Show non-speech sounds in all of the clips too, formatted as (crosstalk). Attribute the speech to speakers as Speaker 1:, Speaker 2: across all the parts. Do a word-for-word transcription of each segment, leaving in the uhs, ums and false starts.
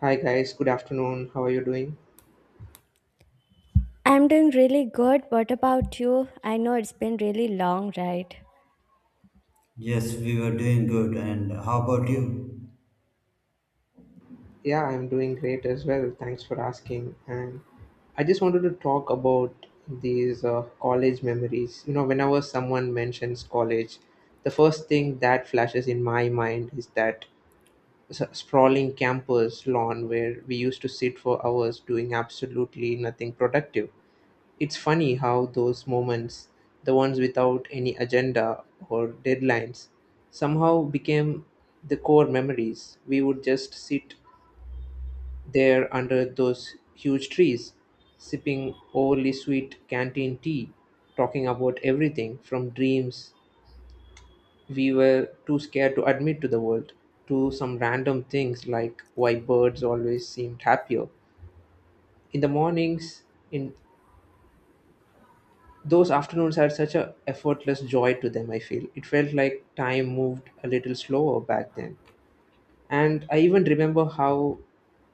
Speaker 1: Hi guys, good afternoon. How are you doing?
Speaker 2: I'm doing really good. What about you? I know it's been really long, right?
Speaker 3: Yes, we were doing good. And how about you?
Speaker 1: Yeah, I'm doing great as well. Thanks for asking. And I just wanted to talk about these uh, college memories. You know, whenever someone mentions college, the first thing that flashes in my mind is that s- sprawling campus lawn where we used to sit for hours doing absolutely nothing productive. It's funny how those moments, the ones without any agenda or deadlines, somehow became the core memories. We would just sit there under those huge trees, sipping overly sweet canteen tea, talking about everything from dreams we were too scared to admit to the world to some random things like why birds always seemed happier in the mornings in Those afternoons had such a effortless joy to them, I feel. It felt like time moved a little slower back then. And I even remember how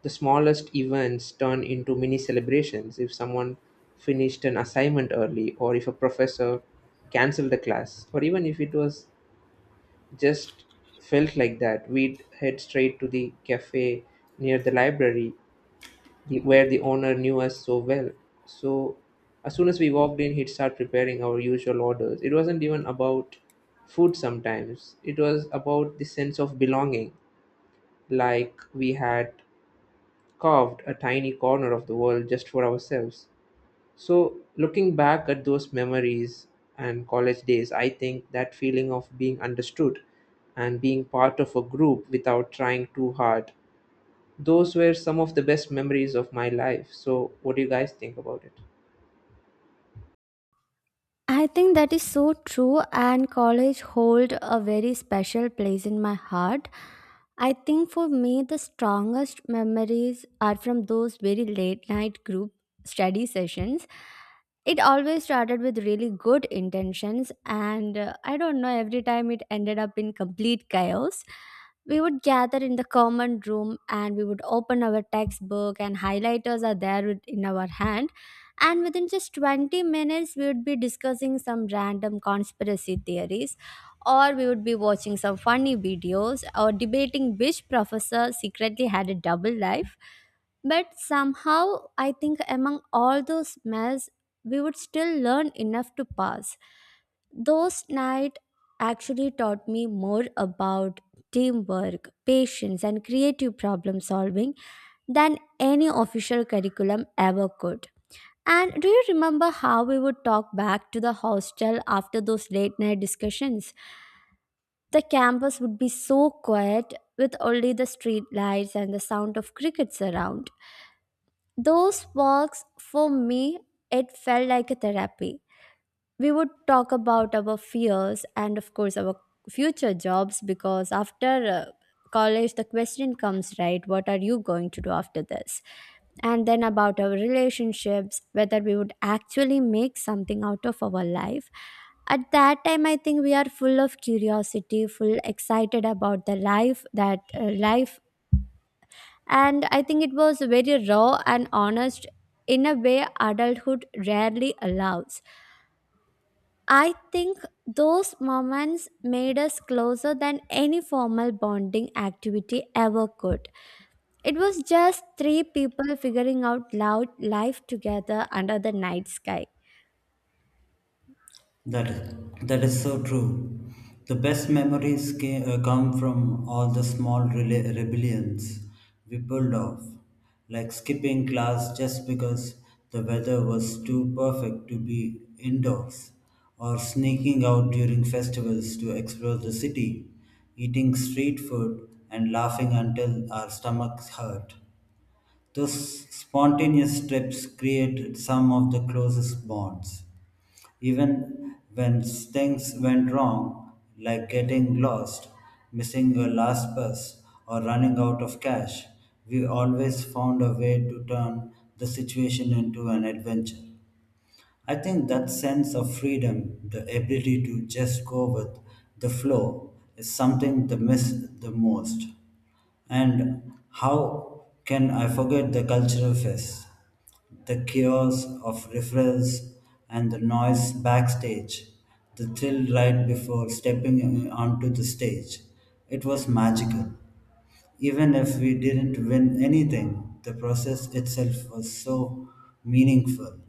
Speaker 1: the smallest events turned into mini celebrations if someone finished an assignment early, or if a professor canceled a class, or even if it was just felt like that, we'd head straight to the cafe near the library the, where the owner knew us so well. So as soon as we walked in, he'd start preparing our usual orders. It wasn't even about food sometimes, it was about the sense of belonging, like we had carved a tiny corner of the world just for ourselves. So, looking back at those memories and college days, I think that feeling of being understood and being part of a group without trying too hard, those were some of the best memories of my life. So, what do you guys think about it?
Speaker 2: I think that is so true and college hold a very special place in my heart. I think for me the strongest memories are from those very late night group study sessions. It always started with really good intentions and uh, I don't know every time it ended up in complete chaos. We would gather in the common room and we would open our textbook and highlighters are there with- in our hand, and within just twenty minutes we would be discussing some random conspiracy theories, or we would be watching some funny videos, or debating which professor secretly had a double life. But somehow, I think among all those mess we would still learn enough to pass. Those nights actually taught me more about teamwork, patience and creative problem solving than any official curriculum ever could. And do you remember how we would talk back to the hostel after those late night discussions? The campus would be so quiet with only the street lights and the sound of crickets around. Those walks, for me, it felt like a therapy. We would talk about our fears and of course our future jobs, because after uh, college the question comes, right, what are you going to do after this? And then about our relationships, whether we would actually make something out of our life. At that time I think we are full of curiosity, full excited about the life that uh, life, and I think it was very raw and honest, in a way adulthood rarely allows. I think those moments made us closer than any formal bonding activity ever could. It was just three people figuring out loud life together under the night sky.
Speaker 3: That that is so true. The best memories came, uh, come from all the small rela- rebellions we pulled off, like skipping class just because the weather was too perfect to be indoors, or sneaking out during festivals to explore the city, eating street food and laughing until our stomachs hurt. Those spontaneous trips create some of the closest bonds. Even when things went wrong, like getting lost, missing your last bus, or running out of cash, we always found a way to turn the situation into an adventure. I think that sense of freedom, the ability to just go with the flow, is something they miss the most. And how can I forget the cultural fest, the chaos of referrals and the noise backstage, the thrill right before stepping onto the stage? It was magical. Even if we didn't win anything, the process itself was so meaningful.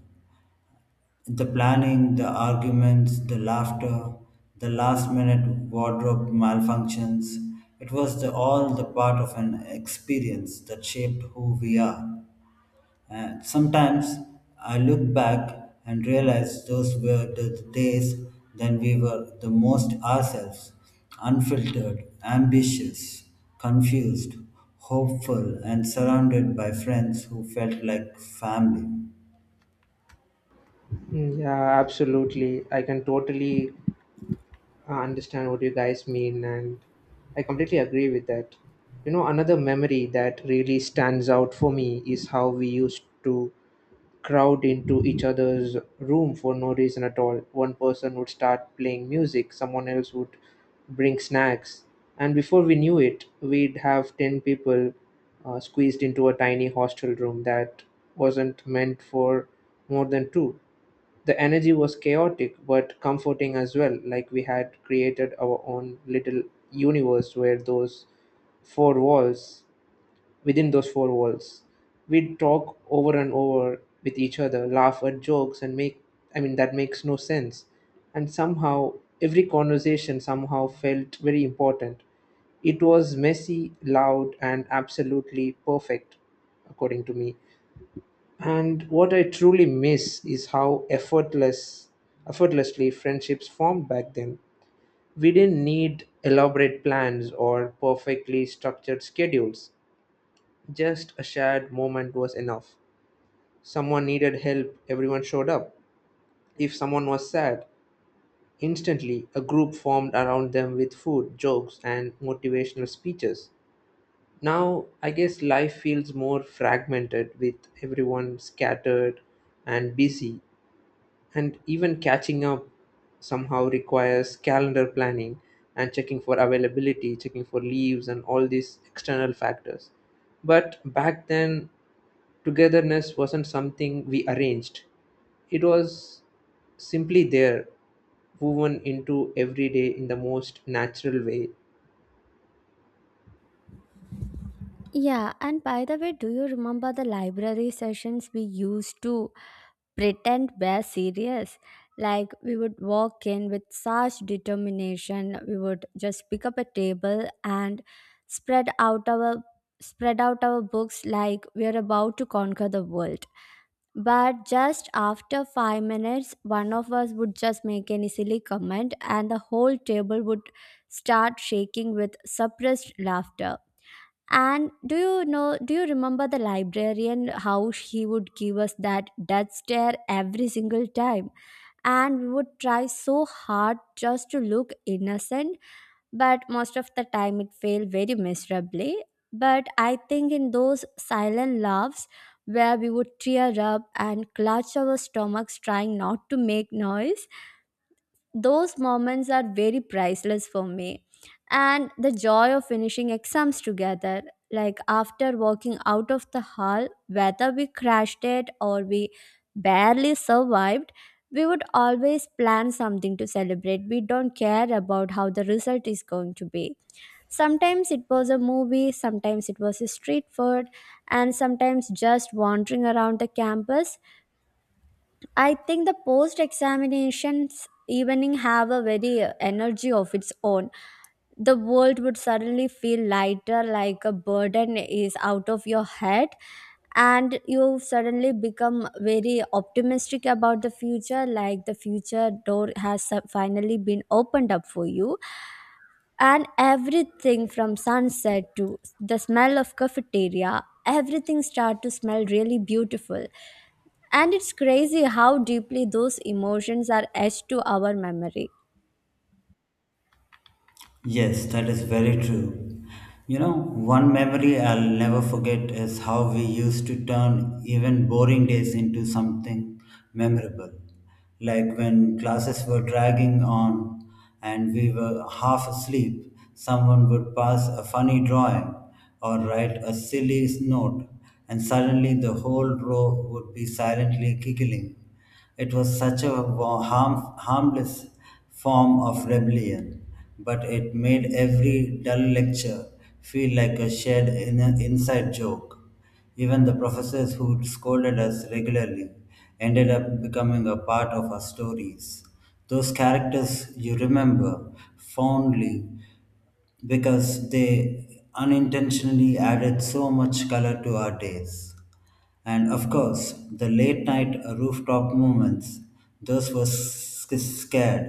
Speaker 3: The planning, the arguments, the laughter, the last minute wardrobe malfunctions, it was the, all the part of an experience that shaped who we are. And sometimes I look back and realize those were the days when we were the most ourselves, unfiltered, ambitious, confused, hopeful, and surrounded by friends who felt like family.
Speaker 1: Mm, yeah, absolutely. I can totally uh, understand what you guys mean, and I completely agree with that. You know, another memory that really stands out for me is how we used to crowd into each other's room for no reason at all. One person would start playing music, someone else would bring snacks, and before we knew it, we'd have ten people uh, squeezed into a tiny hostel room that wasn't meant for more than two. The energy was chaotic but comforting as well, like we had created our own little universe where those four walls within those four walls. We'd talk over and over with each other, laugh at jokes, and make, I mean, that makes no sense. And somehow, every conversation somehow felt very important. It was messy, loud, and absolutely perfect, according to me. And what I truly miss is how effortless, effortlessly friendships formed back then. We didn't need elaborate plans or perfectly structured schedules, just a shared moment was enough. Someone needed help, everyone showed up. If someone was sad, instantly a group formed around them with food, jokes, and motivational speeches. Now, I guess life feels more fragmented with everyone scattered and busy, and even catching up somehow requires calendar planning and checking for availability, checking for leaves, and all these external factors. But back then, togetherness wasn't something we arranged, it was simply there, woven into every day in the most natural way.
Speaker 2: Yeah, and by the way, do you remember the library sessions we used to pretend we're serious? Like we would walk in with such determination, we would just pick up a table and spread out our spread out our books like we are about to conquer the world. But just after five minutes, one of us would just make any silly comment, and the whole table would start shaking with suppressed laughter. And do you know, do you remember the librarian, how she would give us that death stare every single time? And we would try so hard just to look innocent, but most of the time it failed very miserably. But I think in those silent laughs where we would tear up and clutch our stomachs trying not to make noise, those moments are very priceless for me. And the joy of finishing exams together, like after walking out of the hall, whether we crashed it or we barely survived, we would always plan something to celebrate. We don't care about how the result is going to be. Sometimes it was a movie, sometimes it was a street food, and sometimes just wandering around the campus. I think the post examinations evening have a very uh, energy of its own. The world would suddenly feel lighter, like a burden is out of your head, and you suddenly become very optimistic about the future, like the future door has su- finally been opened up for you. And everything from sunset to the smell of cafeteria, everything start to smell really beautiful, and it's crazy how deeply those emotions are etched to our memory.
Speaker 3: Yes, that is very true. You know, one memory I'll never forget is how we used to turn even boring days into something memorable. Like when classes were dragging on and we were half asleep, someone would pass a funny drawing or write a silly note, and suddenly the whole row would be silently giggling. It was such a wa- harm, harmless form of rebellion, but it made every dull lecture feel like a shared in- inside joke. Even the professors who scolded us regularly ended up becoming a part of our stories. Those characters you remember fondly because they unintentionally added so much color to our days. And of course, the late night rooftop moments, those were sc- scared.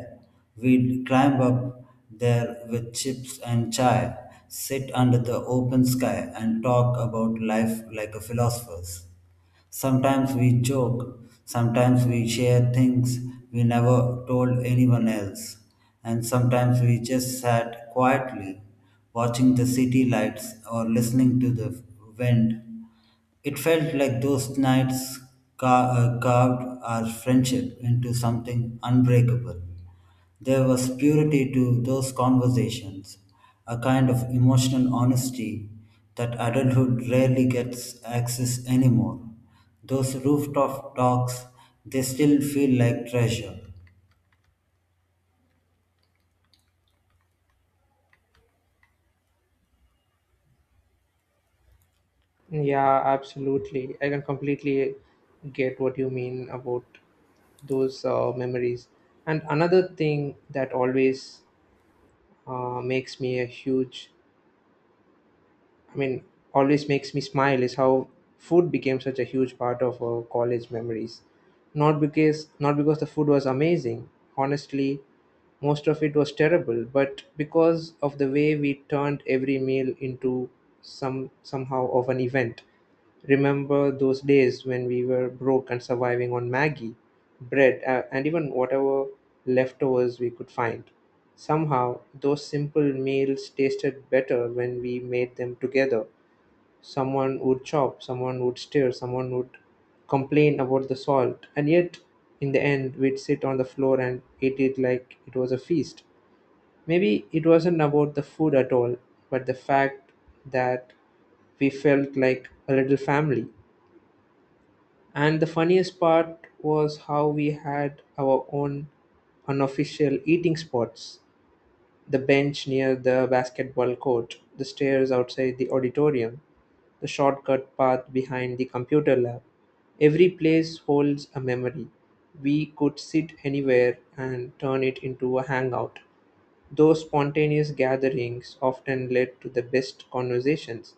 Speaker 3: We'd climb up there with chips and chai, sit under the open sky, and talk about life like a philosophers. Sometimes we joke, sometimes we share things we never told anyone else, and sometimes we just sat quietly watching the city lights or listening to the wind. It felt like those nights ca- uh, carved our friendship into something unbreakable. There was purity to those conversations, a kind of emotional honesty that adulthood rarely gets access anymore. Those rooftop talks, they still feel like treasure.
Speaker 1: Yeah, absolutely. I can completely get what you mean about those uh, memories. And another thing that always uh, makes me a huge I mean, always makes me smile is how food became such a huge part of our college memories. Not because not because the food was amazing. Honestly, most of it was terrible, but because of the way we turned every meal into some somehow of an event. Remember those days when we were broke and surviving on Maggie, bread, uh, and even whatever leftovers we could find? Somehow, those simple meals tasted better when we made them together. Someone would chop, someone would stir, someone would complain about the salt, and yet, in the end, we'd sit on the floor and eat it like it was a feast. Maybe it wasn't about the food at all, but the fact that we felt like a little family. And the funniest part was how we had our own unofficial eating spots, the bench near the basketball court, the stairs outside the auditorium, the shortcut path behind the computer lab. Every place holds a memory. We could sit anywhere and turn it into a hangout. Those spontaneous gatherings often led to the best conversations.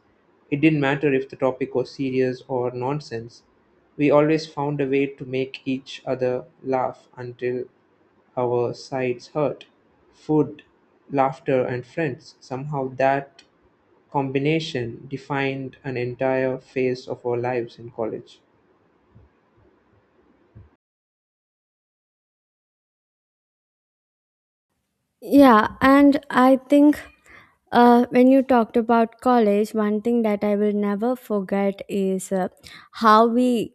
Speaker 1: It didn't matter if the topic was serious or nonsense. We always found a way to make each other laugh until our sides hurt. Food, laughter, and friends, somehow that combination defined an entire phase of our lives in college.
Speaker 2: Yeah, and I think uh, when you talked about college, one thing that I will never forget is uh, how we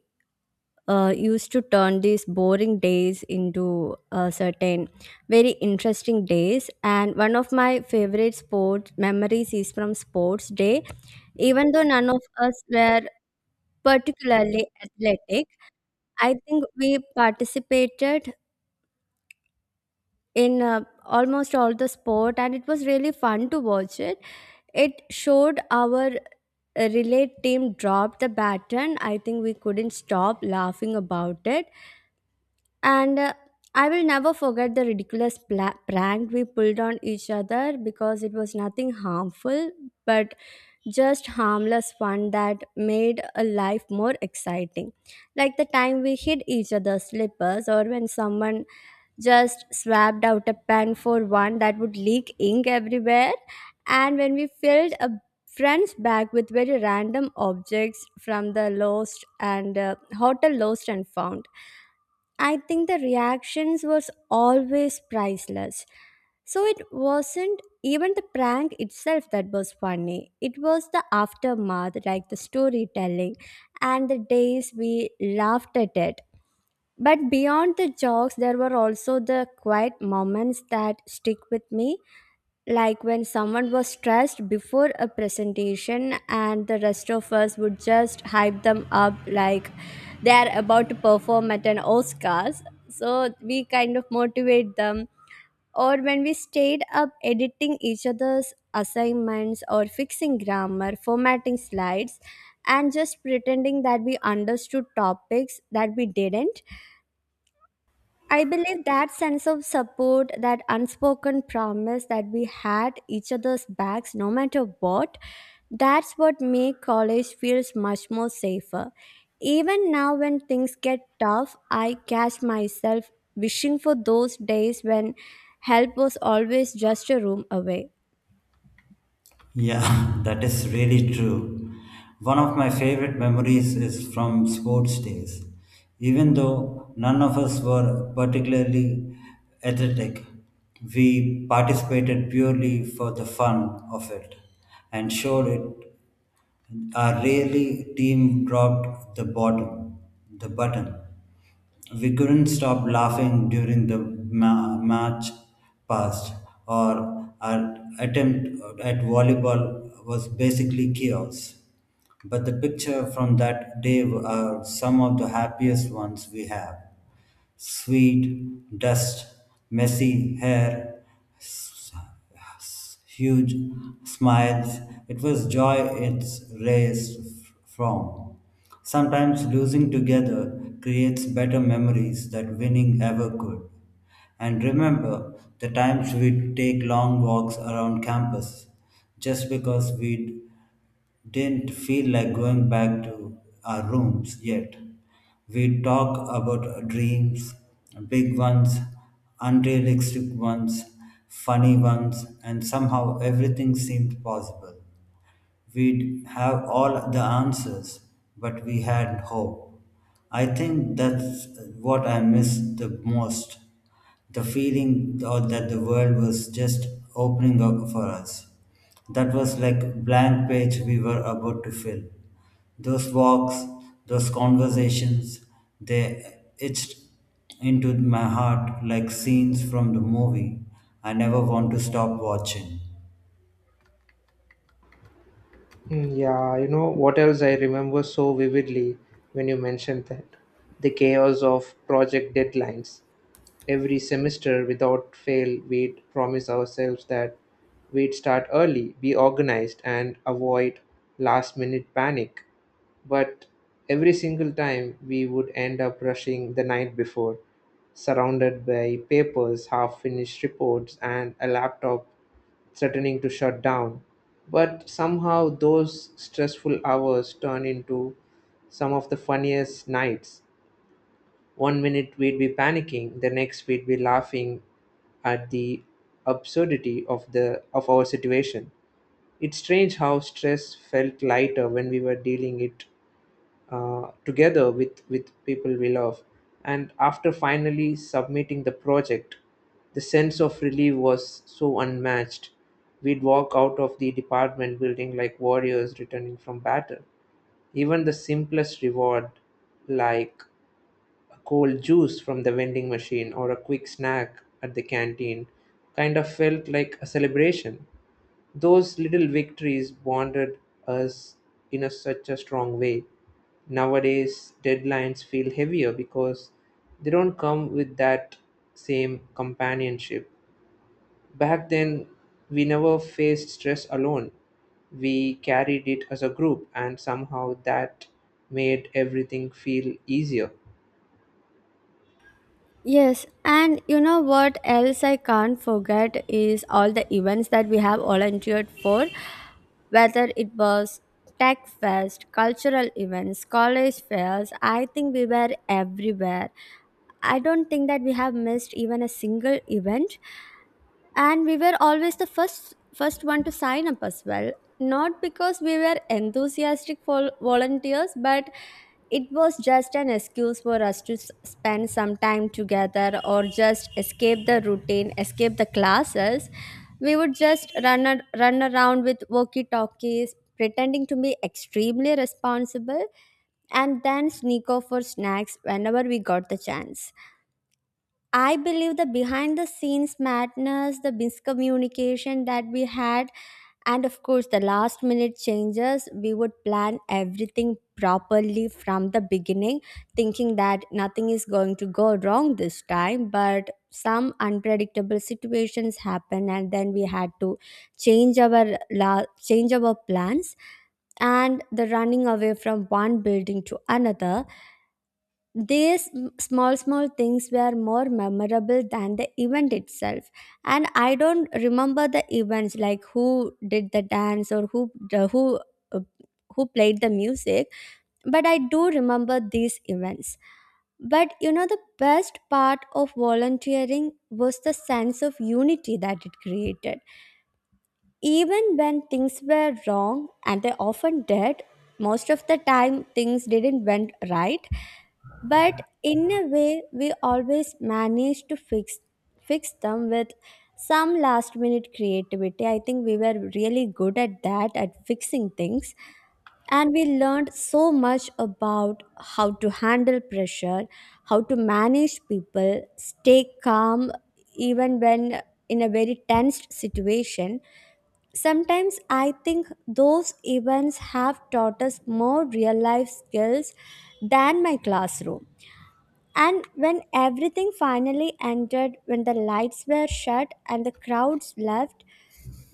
Speaker 2: uh, used to turn these boring days into uh, certain very interesting days. And one of my favorite sports memories is from sports day. Even though none of us were particularly athletic, I think we participated in uh, almost all the sport and it was really fun to watch it. It showed our uh, relay team drop the baton. I think we couldn't stop laughing about it. And uh, I will never forget the ridiculous pla- prank we pulled on each other, because it was nothing harmful but just harmless fun that made a life more exciting. Like the time we hit each other's slippers, or when someone just swapped out a pen for one that would leak ink everywhere. And when we filled a friend's bag with very random objects from the lost and uh, hotel lost and found, I think the reactions was always priceless. So it wasn't even the prank itself that was funny. It was the aftermath, like the storytelling and the days we laughed at it. But beyond the jokes, there were also the quiet moments that stick with me, like when someone was stressed before a presentation and the rest of us would just hype them up like they are about to perform at an Oscars. So we kind of motivate them. Or when we stayed up editing each other's assignments or fixing grammar, formatting slides, and just pretending that we understood topics that we didn't. I believe that sense of support, that unspoken promise that we had each other's backs no matter what, that's what make college feels much more safer. Even now when things get tough, I catch myself wishing for those days when help was always just a room away.
Speaker 3: Yeah, (laughs) that is really true. One of my favorite memories is from sports days. Even though none of us were particularly athletic, we participated purely for the fun of it and showed it our really team dropped the bottom the button. We couldn't stop laughing during the ma- match past. Our, our attempt at volleyball was basically chaos. But the picture from that day are some of the happiest ones we have. Sweet, dust, messy hair, s- s- huge smiles. It was joy it's raised f- from. Sometimes losing together creates better memories that winning ever could. And remember the times we'd take long walks around campus just because we'd didn't feel like going back to our rooms yet. We talked about our dreams, big ones, unrealistic ones, funny ones, and somehow everything seemed possible. We'd have all the answers, but we had hope. I think that's what I miss the most, the feeling or that the world was just opening up for us. That was like blank page we were about to fill. Those walks, those conversations, they itched into my heart like scenes from the movie I never want to stop watching.
Speaker 1: Mm, yeah, you know what else I remember so vividly when you mentioned that? The chaos of project deadlines. Every semester, without fail, we'd promise ourselves that we'd start early, be organized, and avoid last minute panic. But every single time we would end up rushing the night before, surrounded by papers, half finished reports, and a laptop threatening to shut down. But somehow those stressful hours turn into some of the funniest nights. One minute we'd be panicking, the next we'd be laughing at the absurdity of the of our situation. It's strange how stress felt lighter when we were dealing it uh, together with, with people we love. And after finally submitting the project, the sense of relief was so unmatched. We'd walk out of the department building like warriors returning from battle. Even the simplest reward, like a cold juice from the vending machine or a quick snack at the canteen, kind of felt like a celebration. Those little victories bonded us in a, such a strong way. Nowadays, deadlines feel heavier because they don't come with that same companionship. Back then, we never faced stress alone. We carried it as a group, and somehow that made everything feel easier.
Speaker 2: Yes, and you know what else I can't forget is all the events that we have volunteered for. Whether it was tech fest, cultural events, college fairs, I think we were everywhere. I don't think that we have missed even a single event, and we were always the first first one to sign up as well, not because we were enthusiastic vol- volunteers, but it was just an excuse for us to s- spend some time together, or just escape the routine escape the classes. We would just run ar- run around with walkie talkies pretending to be extremely responsible, and then sneak off for snacks whenever we got the chance. I believe the behind the scenes madness, the miscommunication that we had, and of course the last minute changes. We would plan everything properly from the beginning, thinking that nothing is going to go wrong this time. But some unpredictable situations happen, and then we had to change our la- change our plans, and the running away from one building to another, these m- small, small things were more memorable than the event itself. And I don't remember the events like who did the dance or who the- who uh, who played the music, but I do remember these events. But you know, the best part of volunteering was the sense of unity that it created. Even when things were wrong, and they often did, most of the time things didn't went right. But in a way, we always managed to fix fix them with some last minute creativity. I think we were really good at that, at fixing things. And we learned so much about how to handle pressure, how to manage people, stay calm even when in a very tensed situation. Sometimes I think those events have taught us more real life skills than my classroom. And when everything finally ended, when the lights were shut and the crowds left,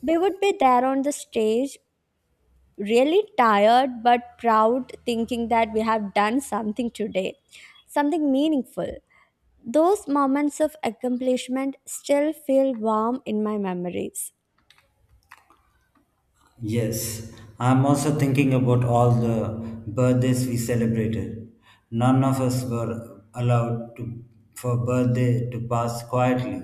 Speaker 2: we would be there on the stage, really tired but proud, thinking that we have done something today, something meaningful. Those moments of accomplishment still feel warm in my memories.
Speaker 3: Yes, I'm also thinking about all the birthdays we celebrated. None of us were allowed to, for birthday to pass quietly,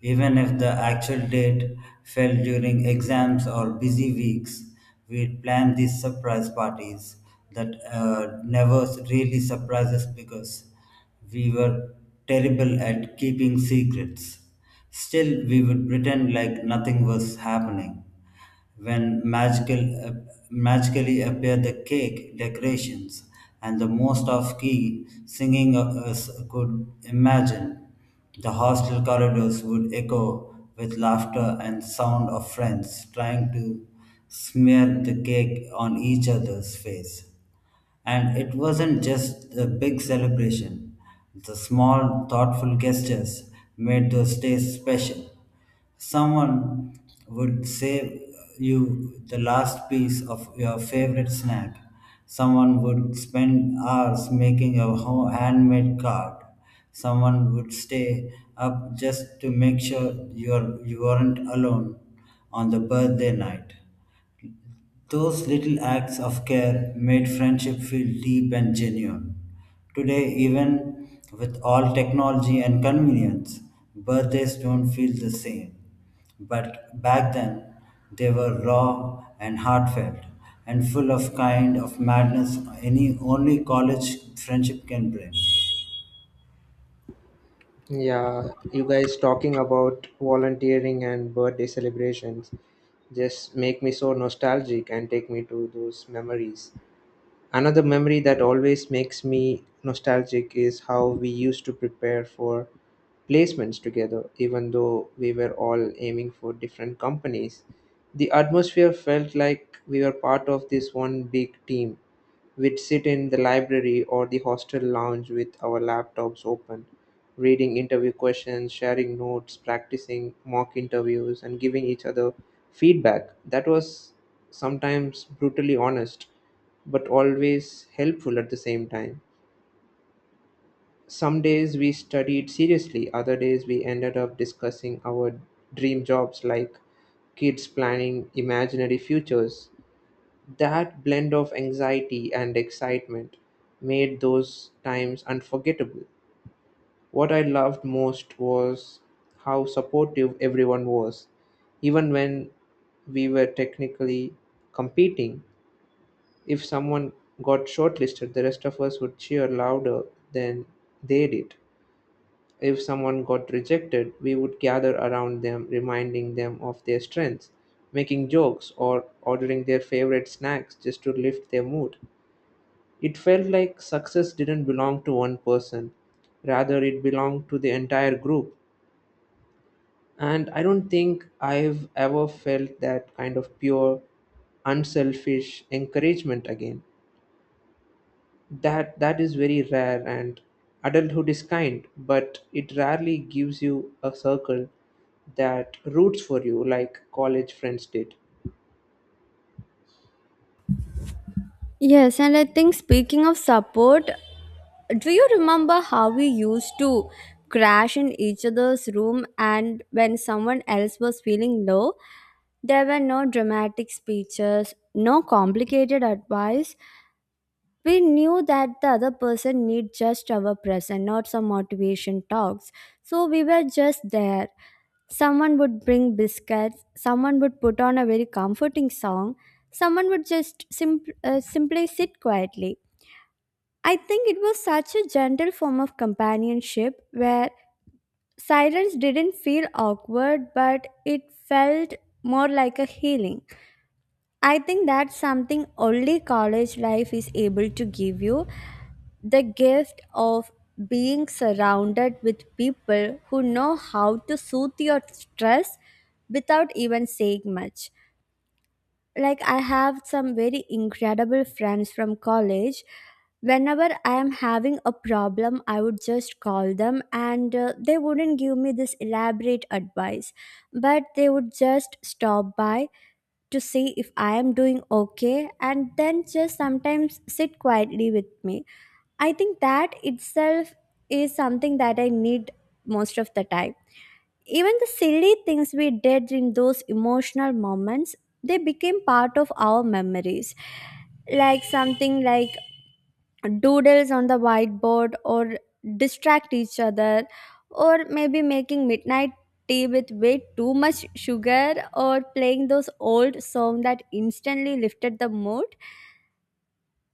Speaker 3: even if the actual date fell during exams or busy weeks. We'd plan these surprise parties that uh, never really surprise us because we were terrible at keeping secrets. Still, we would pretend like nothing was happening when magical uh, magically appear the cake decorations and the most of key singing us could imagine. The hostel corridors would echo with laughter and sound of friends trying to smear the cake on each other's face. And it wasn't just the big celebration, the small, thoughtful gestures made those days special. Someone would save you the last piece of your favorite snack. Someone would spend hours making a ho- handmade card. Someone would stay up just to make sure you're, you weren't alone on the birthday night. Those little acts of care made friendship feel deep and genuine. Today, even with all technology and convenience, birthdays don't feel the same. But back then, they were raw and heartfelt and full of kind of madness any only college friendship can bring.
Speaker 1: Yeah, you guys talking about volunteering and birthday celebrations just make me so nostalgic and take me to those memories. Another memory that always makes me nostalgic is how we used to prepare for placements together, even though we were all aiming for different companies. The atmosphere felt like we were part of this one big team. We'd sit in the library or the hostel lounge with our laptops open, reading interview questions, sharing notes, practicing mock interviews, and giving each other feedback. That was sometimes brutally honest, but always helpful at the same time. Some days we studied seriously, other days we ended up discussing our dream jobs like kids planning imaginary futures, that blend of anxiety and excitement made those times unforgettable. What I loved most was how supportive everyone was. Even when we were technically competing, if someone got shortlisted, the rest of us would cheer louder than they did. If someone got rejected, we would gather around them, reminding them of their strengths, making jokes, or ordering their favorite snacks just to lift their mood. It felt like success didn't belong to one person, rather, it belonged to the entire group. And I don't think I've ever felt that kind of pure, unselfish encouragement again. That that is very rare, and adulthood is kind, but it rarely gives you a circle that roots for you like college friends did.
Speaker 2: Yes, and I think speaking of support, do you remember how we used to crash in each other's room? And when someone else was feeling low, there were no dramatic speeches, no complicated advice. We knew that the other person need just our presence, not some motivation talks. So we were just there. Someone would bring biscuits, someone would put on a very comforting song, someone would just simp- uh, simply sit quietly. I think it was such a gentle form of companionship where silence didn't feel awkward, but it felt more like a healing. I think that's something only college life is able to give you, the gift of being surrounded with people who know how to soothe your stress without even saying much. Like I have some very incredible friends from college. Whenever I am having a problem I would just call them, and uh, they wouldn't give me this elaborate advice, but they would just stop by to see if I am doing okay and then just sometimes sit quietly with me. I think that itself is something that I need most of the time. Even the silly things we did in those emotional moments, they became part of our memories. Like something like doodles on the whiteboard or distract each other, or maybe making midnight tea with way too much sugar, or playing those old songs that instantly lifted the mood.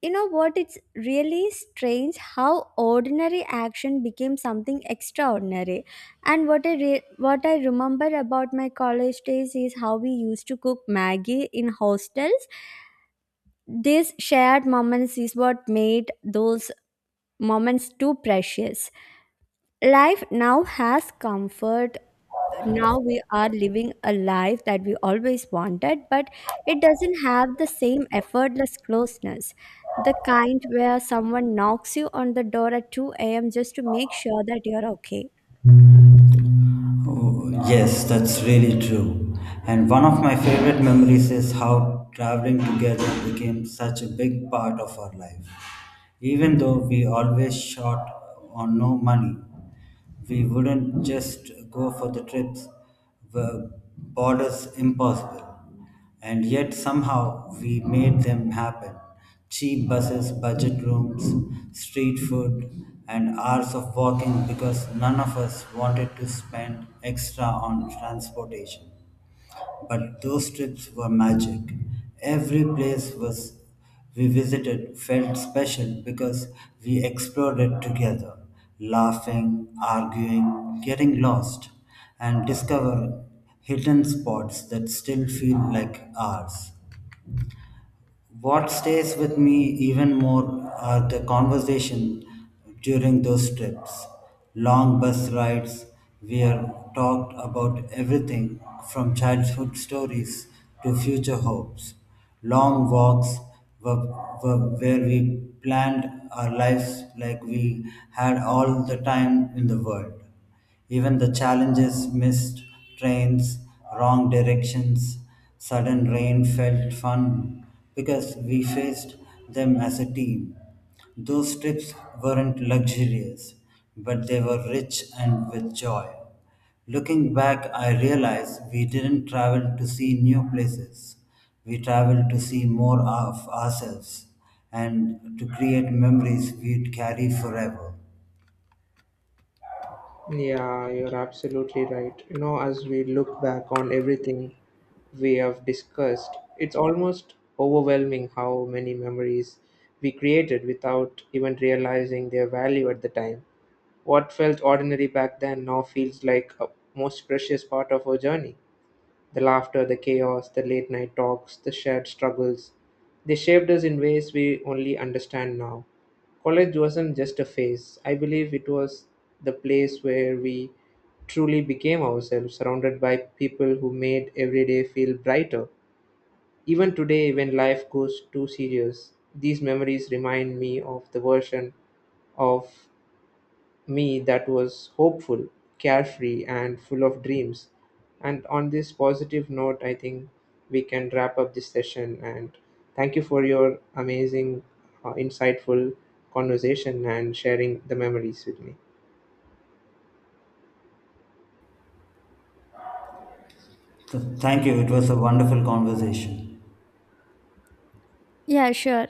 Speaker 2: You know what? It's really strange how ordinary action became something extraordinary. And what I re- what I remember about my college days is how we used to cook Maggie in hostels. These shared moments is what made those moments too precious. Life now has comfort, now we are living a life that we always wanted, but it doesn't have the same effortless closeness. The kind where someone knocks you on the door at two a m just to make sure that you're okay.
Speaker 3: Oh, yes, that's really true. And one of my favorite memories is how traveling together became such a big part of our life. Even though we always shot on no money, we wouldn't just go for the trips were borders impossible and yet somehow we made them happen. Cheap buses, budget rooms, street food, and hours of walking because none of us wanted to spend extra on transportation. But those trips were magic. Every place was we visited felt special because we explored it together, laughing, arguing, getting lost, and discovering hidden spots that still feel like ours. What stays with me even more are the conversation during those trips, long bus rides. We are talked about everything from childhood stories to future hopes. Long walks were, were where we planned our lives like we had all the time in the world. Even the challenges, missed trains, wrong directions, sudden rain felt fun because we faced them as a team. Those trips weren't luxurious, but they were rich and with joy. Looking back, I realize we didn't travel to see new places. We traveled to see more of ourselves and to create memories we'd carry forever.
Speaker 1: Yeah, you're absolutely right. You know, as we look back on everything we have discussed, it's almost overwhelming how many memories we created without even realizing their value at the time. What felt ordinary back then now feels like a most precious part of our journey. The laughter, the chaos, the late night talks, the shared struggles. They shaped us in ways we only understand now. College wasn't just a phase. I believe it was the place where we truly became ourselves, surrounded by people who made every day feel brighter. Even today, when life goes too serious, these memories remind me of the version of me that was hopeful, carefree, and full of dreams. And on this positive note, I think we can wrap up this session. And thank you for your amazing, uh, insightful conversation and sharing the memories with me.
Speaker 3: Th- thank you. It was a wonderful conversation.
Speaker 2: Yeah, sure.